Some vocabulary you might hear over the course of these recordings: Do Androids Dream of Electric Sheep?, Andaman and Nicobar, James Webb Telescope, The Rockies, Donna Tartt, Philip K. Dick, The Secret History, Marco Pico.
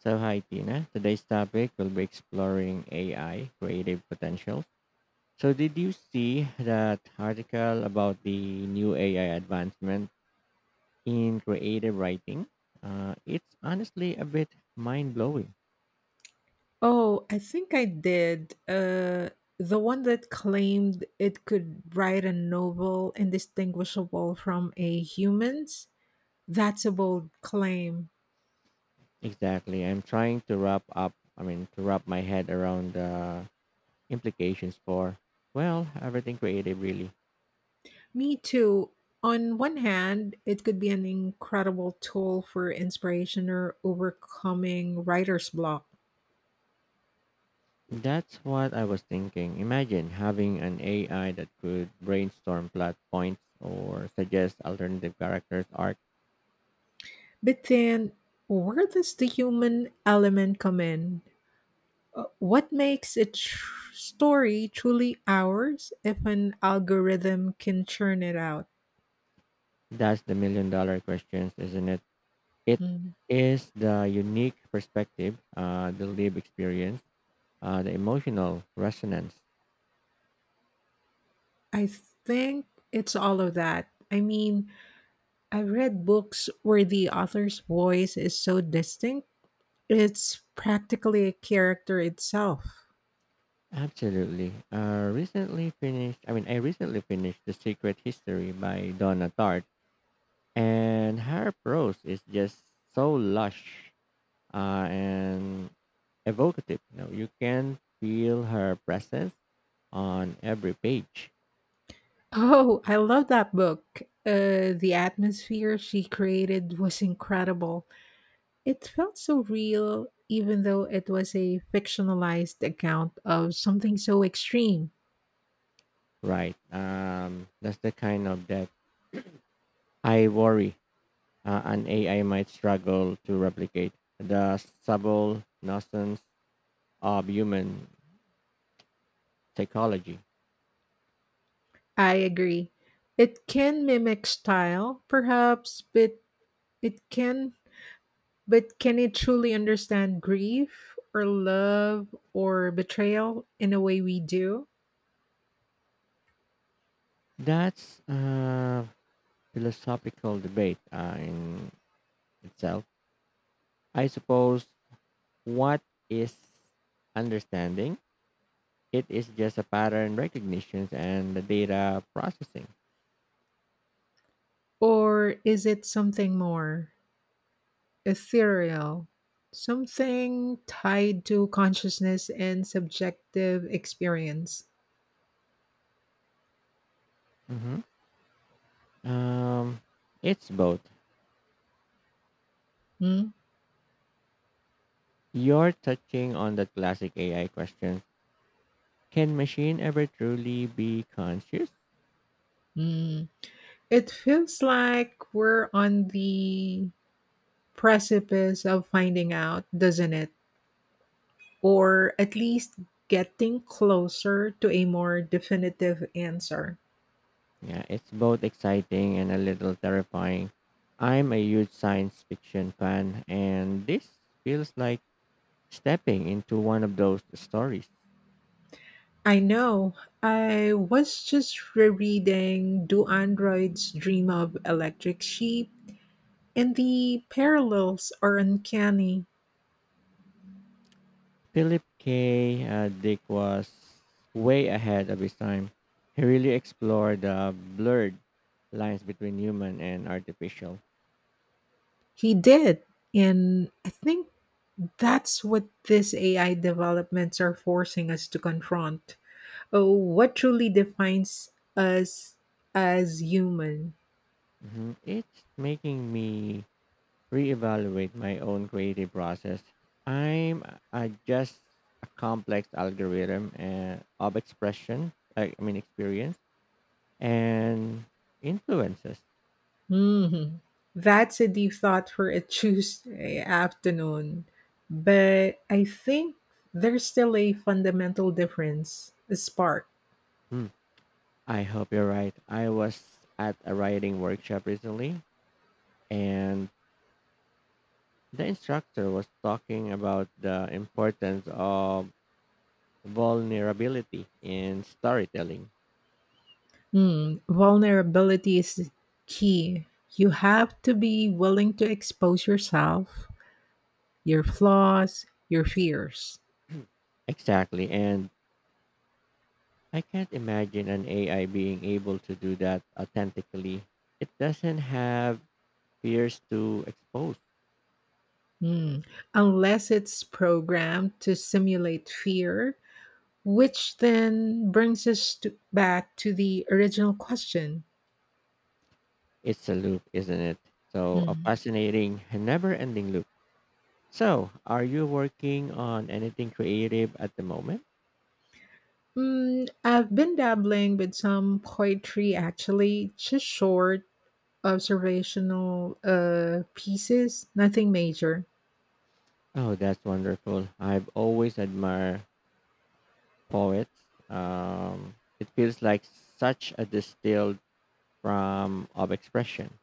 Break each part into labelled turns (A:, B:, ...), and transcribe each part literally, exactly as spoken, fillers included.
A: So, hi Tina. Today's topic will be exploring A I creative potential. So, did you see that article about the new A I advancement in creative writing? Uh, it's honestly a bit mind blowing.
B: Oh, I think I did. Uh, the one that claimed it could write a novel indistinguishable from a human's. That's a bold claim.
A: Exactly. I'm trying to wrap up, I mean, to wrap my head around the implications for, well, everything creative, really.
B: Me too. On one hand, it could be an incredible tool for inspiration or overcoming writer's block.
A: That's what I was thinking. Imagine having an A I that could brainstorm plot points or suggest alternative characters arc.
B: But then, where does the human element come in? Uh, What makes a tr- story truly ours if an algorithm can churn it out?
A: That's the million dollar questions, isn't it? It
B: Mm,
A: is the unique perspective, uh, the lived experience, uh, the emotional resonance.
B: I think it's all of that. I mean, I've read books where the author's voice is so distinct. It's practically a character itself.
A: Absolutely. Uh, recently finished. I mean, I recently finished *The Secret History* by Donna Tartt, and her prose is just so lush uh, and evocative. You know, you can feel her presence on every page,
B: Oh, I love that book. Uh, the atmosphere she created was incredible. It felt so real, even though it was a fictionalized account of something so extreme.
A: right? Um, that's the kind of that I worry uh, an A I might struggle to replicate the subtle nuisance of human psychology.
B: I agree. It can mimic style, perhaps, but it can but can it truly understand grief or love or betrayal in a way we do?
A: That's a philosophical debate uh, in itself. I suppose what is understanding. It is just a pattern recognition and the data processing.
B: Or is it something more ethereal? Something tied to consciousness and subjective experience.
A: hmm Um, it's both.
B: Hmm?
A: You're touching on the classic A I question. Can machine ever truly be conscious?
B: Hmm. It feels like we're on the precipice of finding out, doesn't it? Or at least getting closer to a more definitive answer.
A: Yeah, it's both exciting and a little terrifying. I'm a huge science fiction fan, and this feels like stepping into one of those stories.
B: I know. I was just rereading Do Androids Dream of Electric Sheep? And the parallels are uncanny.
A: Philip K. Uh, Dick was way ahead of his time. He really explored the blurred lines between human and artificial.
B: He did. And I think that's what these A I developments are forcing us to confront. Oh, what truly defines us as human?
A: Mhm. It's making me reevaluate my own creative process. I'm uh, just a complex algorithm uh, of expression, I I mean, experience and influences.
B: Mhm. That's a deep thought for a Tuesday afternoon. But I think there's still a fundamental difference, a spark.
A: Hmm. I hope you're right. I was at a writing workshop recently and the instructor was talking about the importance of vulnerability in storytelling.
B: Hmm, vulnerability is key. You have to be willing to expose yourself, your flaws, your fears.
A: Exactly. And I can't imagine an A I being able to do that authentically. It doesn't have fears to expose.
B: Hmm. Unless it's programmed to simulate fear, which then brings us to, back to the original question.
A: It's a loop, isn't it? So, a fascinating, never ending loop. So, are you working on anything creative at the moment?
B: Mm, I've been dabbling with some poetry actually, just short observational uh, pieces, nothing major.
A: Oh, that's wonderful. I've always admired poets. Um, it feels like such a distilled from of expression.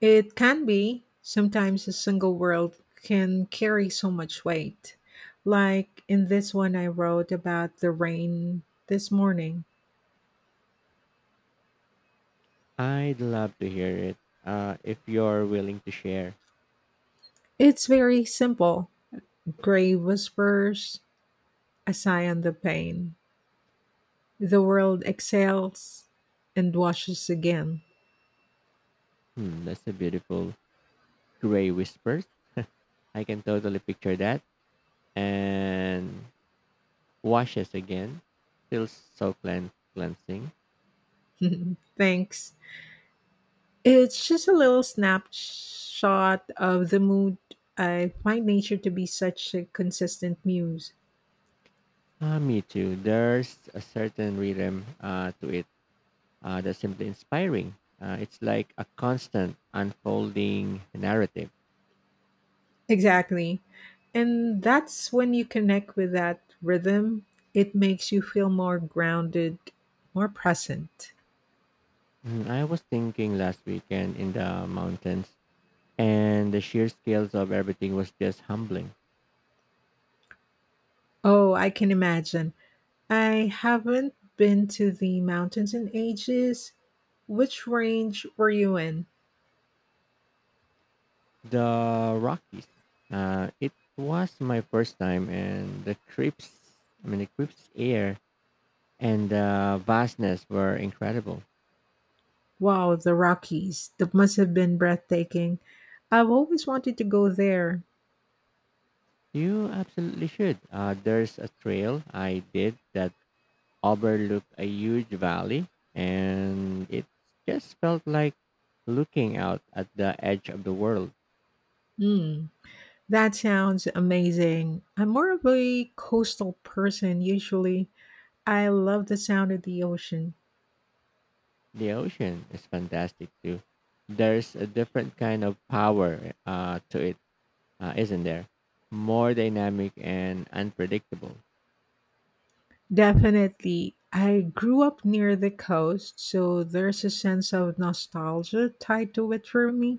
B: It can be. Sometimes a single word can carry so much weight. Like in this one I wrote about the rain this morning.
A: I'd love to hear it. Uh, if you're willing to share,
B: It's very simple. Gray whispers, a sigh on the pain. The world exhales and washes again.
A: hmm, that's a beautiful gray whispers. I can totally picture that. And washes again. Feels so clean, cleansing.
B: Thanks. It's just a little snapshot of the mood. I find nature to be such a consistent muse.
A: Ah, me too. There's a certain rhythm uh, to it uh, that's simply inspiring. Uh, it's like a constant unfolding narrative.
B: Exactly. And that's when you connect with that rhythm, it makes you feel more grounded, more present.
A: Mm, I was thinking last weekend in the mountains, and the sheer scales of everything was just humbling.
B: Oh, I can imagine. I haven't been to the mountains in ages. Which range were you in?
A: The Rockies. Uh, it was my first time, and the creeps, I mean, the creeps air and the vastness were incredible.
B: Wow, the Rockies. That must have been breathtaking. I've always wanted to go there.
A: You absolutely should. Uh, there's a trail I did that overlooked a huge valley, and it just felt like looking out at the edge of the world.
B: Hmm. That sounds amazing. I'm more of a coastal person usually. I love the sound of the ocean.
A: The ocean is fantastic too. There's a different kind of power uh, to it, uh, isn't there? More dynamic and unpredictable.
B: Definitely. I grew up near the coast, so there's a sense of nostalgia tied to it for me.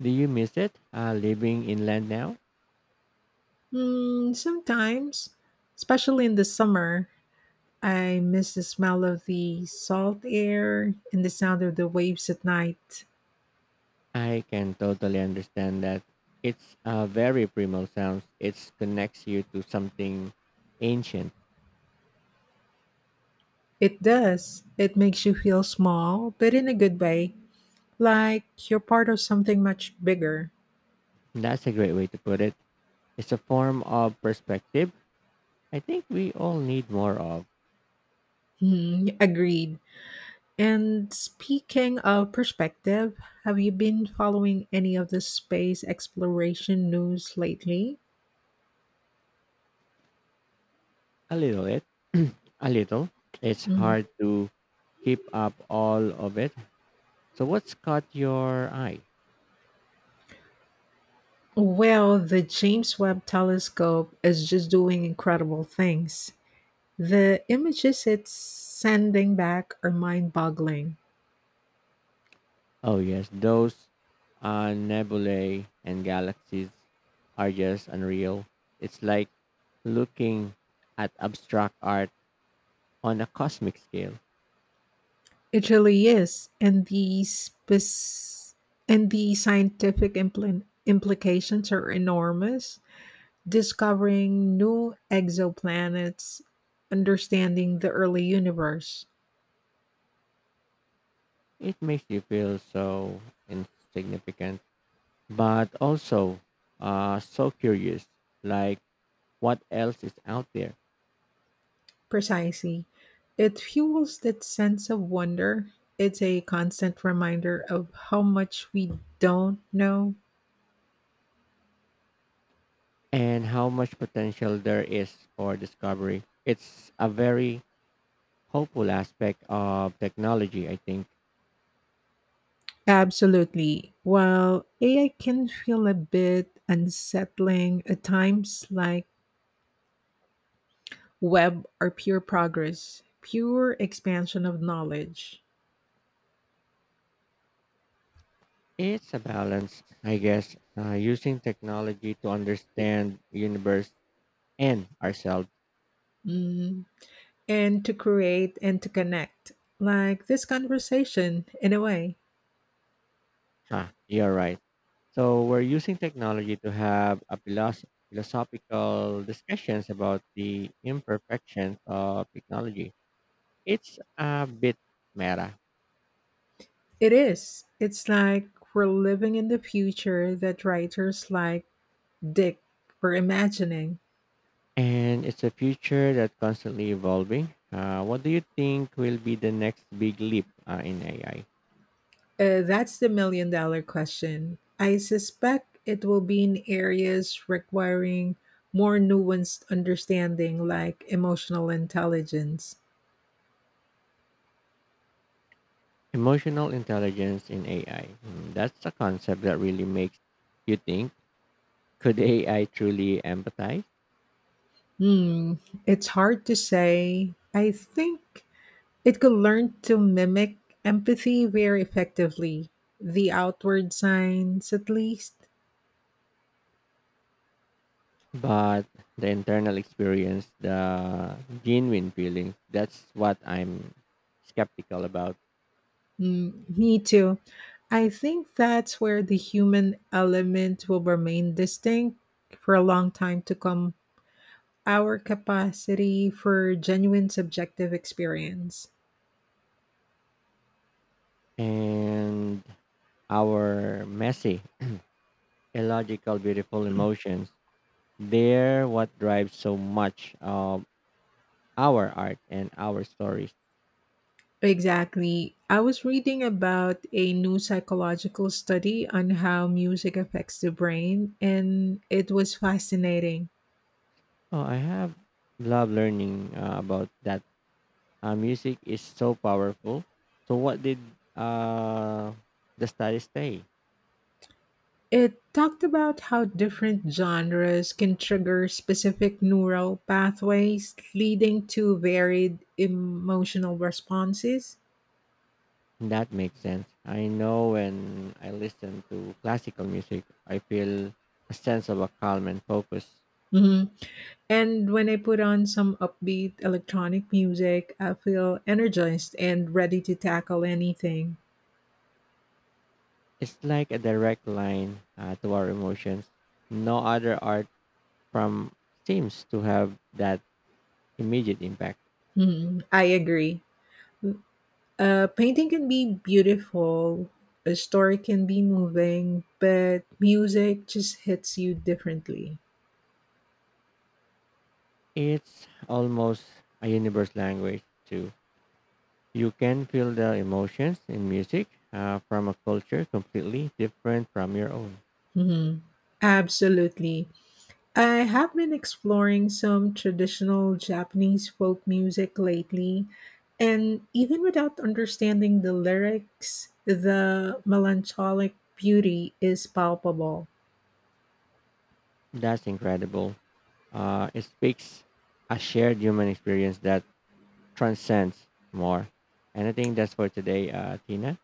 A: Do you miss it uh, living inland now?
B: Mm, sometimes, especially in the summer, I miss the smell of the salt air and the sound of the waves at night.
A: I can totally understand that. It's a very primal sound. It connects you to something ancient.
B: It does. It makes you feel small, but in a good way, like you're part of something much bigger.
A: That's a great way to put it. It's a form of perspective I think we all need more of.
B: Mhm, agreed. And speaking of perspective, have you been following any of the space exploration news lately?
A: A little it. A little. It's
B: Mhm.
A: hard to keep up all of it. So what's caught your eye?
B: Well, the James Webb Telescope is just doing incredible things. The images it's sending back are mind-boggling.
A: Oh yes, those uh, nebulae and galaxies are just unreal. It's like looking at abstract art on a cosmic scale.
B: It really is, and the spec- and the scientific impl- implications are enormous. Discovering new exoplanets, understanding the early universe.
A: It makes you feel so insignificant, but also uh, so curious. Like what else is out there?
B: Precisely. It fuels that sense of wonder. It's a constant reminder of how much we don't know.
A: And how much potential there is for discovery. It's a very hopeful aspect of technology, I think.
B: Absolutely. While A I can feel a bit unsettling at times, like web or pure progress, pure expansion of knowledge.
A: It's a balance, I guess, uh, using technology to understand universe and ourselves.
B: Mm-hmm. And to create and to connect. Like this conversation, in a way,
A: Huh, you're right. So we're using technology to have a philosoph- philosophical discussions about the imperfections of technology. It's a bit meta.
B: it is. It's like we're living in the future that writers like Dick were imagining.
A: And it's a future that's constantly evolving. Uh, what do you think will be the next big leap uh, in A I?
B: Uh, that's the million dollar question. I suspect it will be in areas requiring more nuanced understanding, like emotional intelligence.
A: Emotional intelligence in A I. Mm, that's a concept that really makes you think. Could A I truly empathize?
B: Hmm, it's hard to say. I think it could learn to mimic empathy very effectively, the outward signs at least.
A: But the internal experience, the genuine feelings, that's what I'm skeptical about.
B: Mm, me too. I think that's where the human element will remain distinct for a long time to come. Our capacity for genuine subjective experience.
A: And our messy, illogical, beautiful emotions, they're what drives so much of our art and our stories.
B: Exactly. I was reading about a new psychological study on how music affects the brain, and it was fascinating.
A: Oh, I have loved learning uh, about that. Uh, music is so powerful. So, what did uh, the studies say?
B: It talked about how different genres can trigger specific neural pathways, leading to varied emotional responses.
A: That makes sense. I know when I listen to classical music, I feel a sense of a calm and focus.
B: Mhm. And when I put on some upbeat electronic music, I feel energized and ready to tackle anything.
A: It's like a direct line uh, to our emotions. No other art from seems to have that immediate impact.
B: Mhm. I agree. A painting can be beautiful, a story can be moving, but music just hits you differently.
A: It's almost a universe language too. You can feel the emotions in music uh, from a culture completely different from your own.
B: Mhm. Absolutely. I have been exploring some traditional Japanese folk music lately, and even without understanding the lyrics, the melancholic beauty is palpable.
A: That's incredible. Uh, it speaks a shared human experience that transcends more. And I think that's for today, uh, Tina.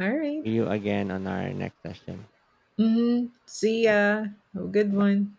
B: All right.
A: See you again on our next session.
B: Mm-hmm. See
A: All right,
B: ya. Have a good
A: bye.
B: one.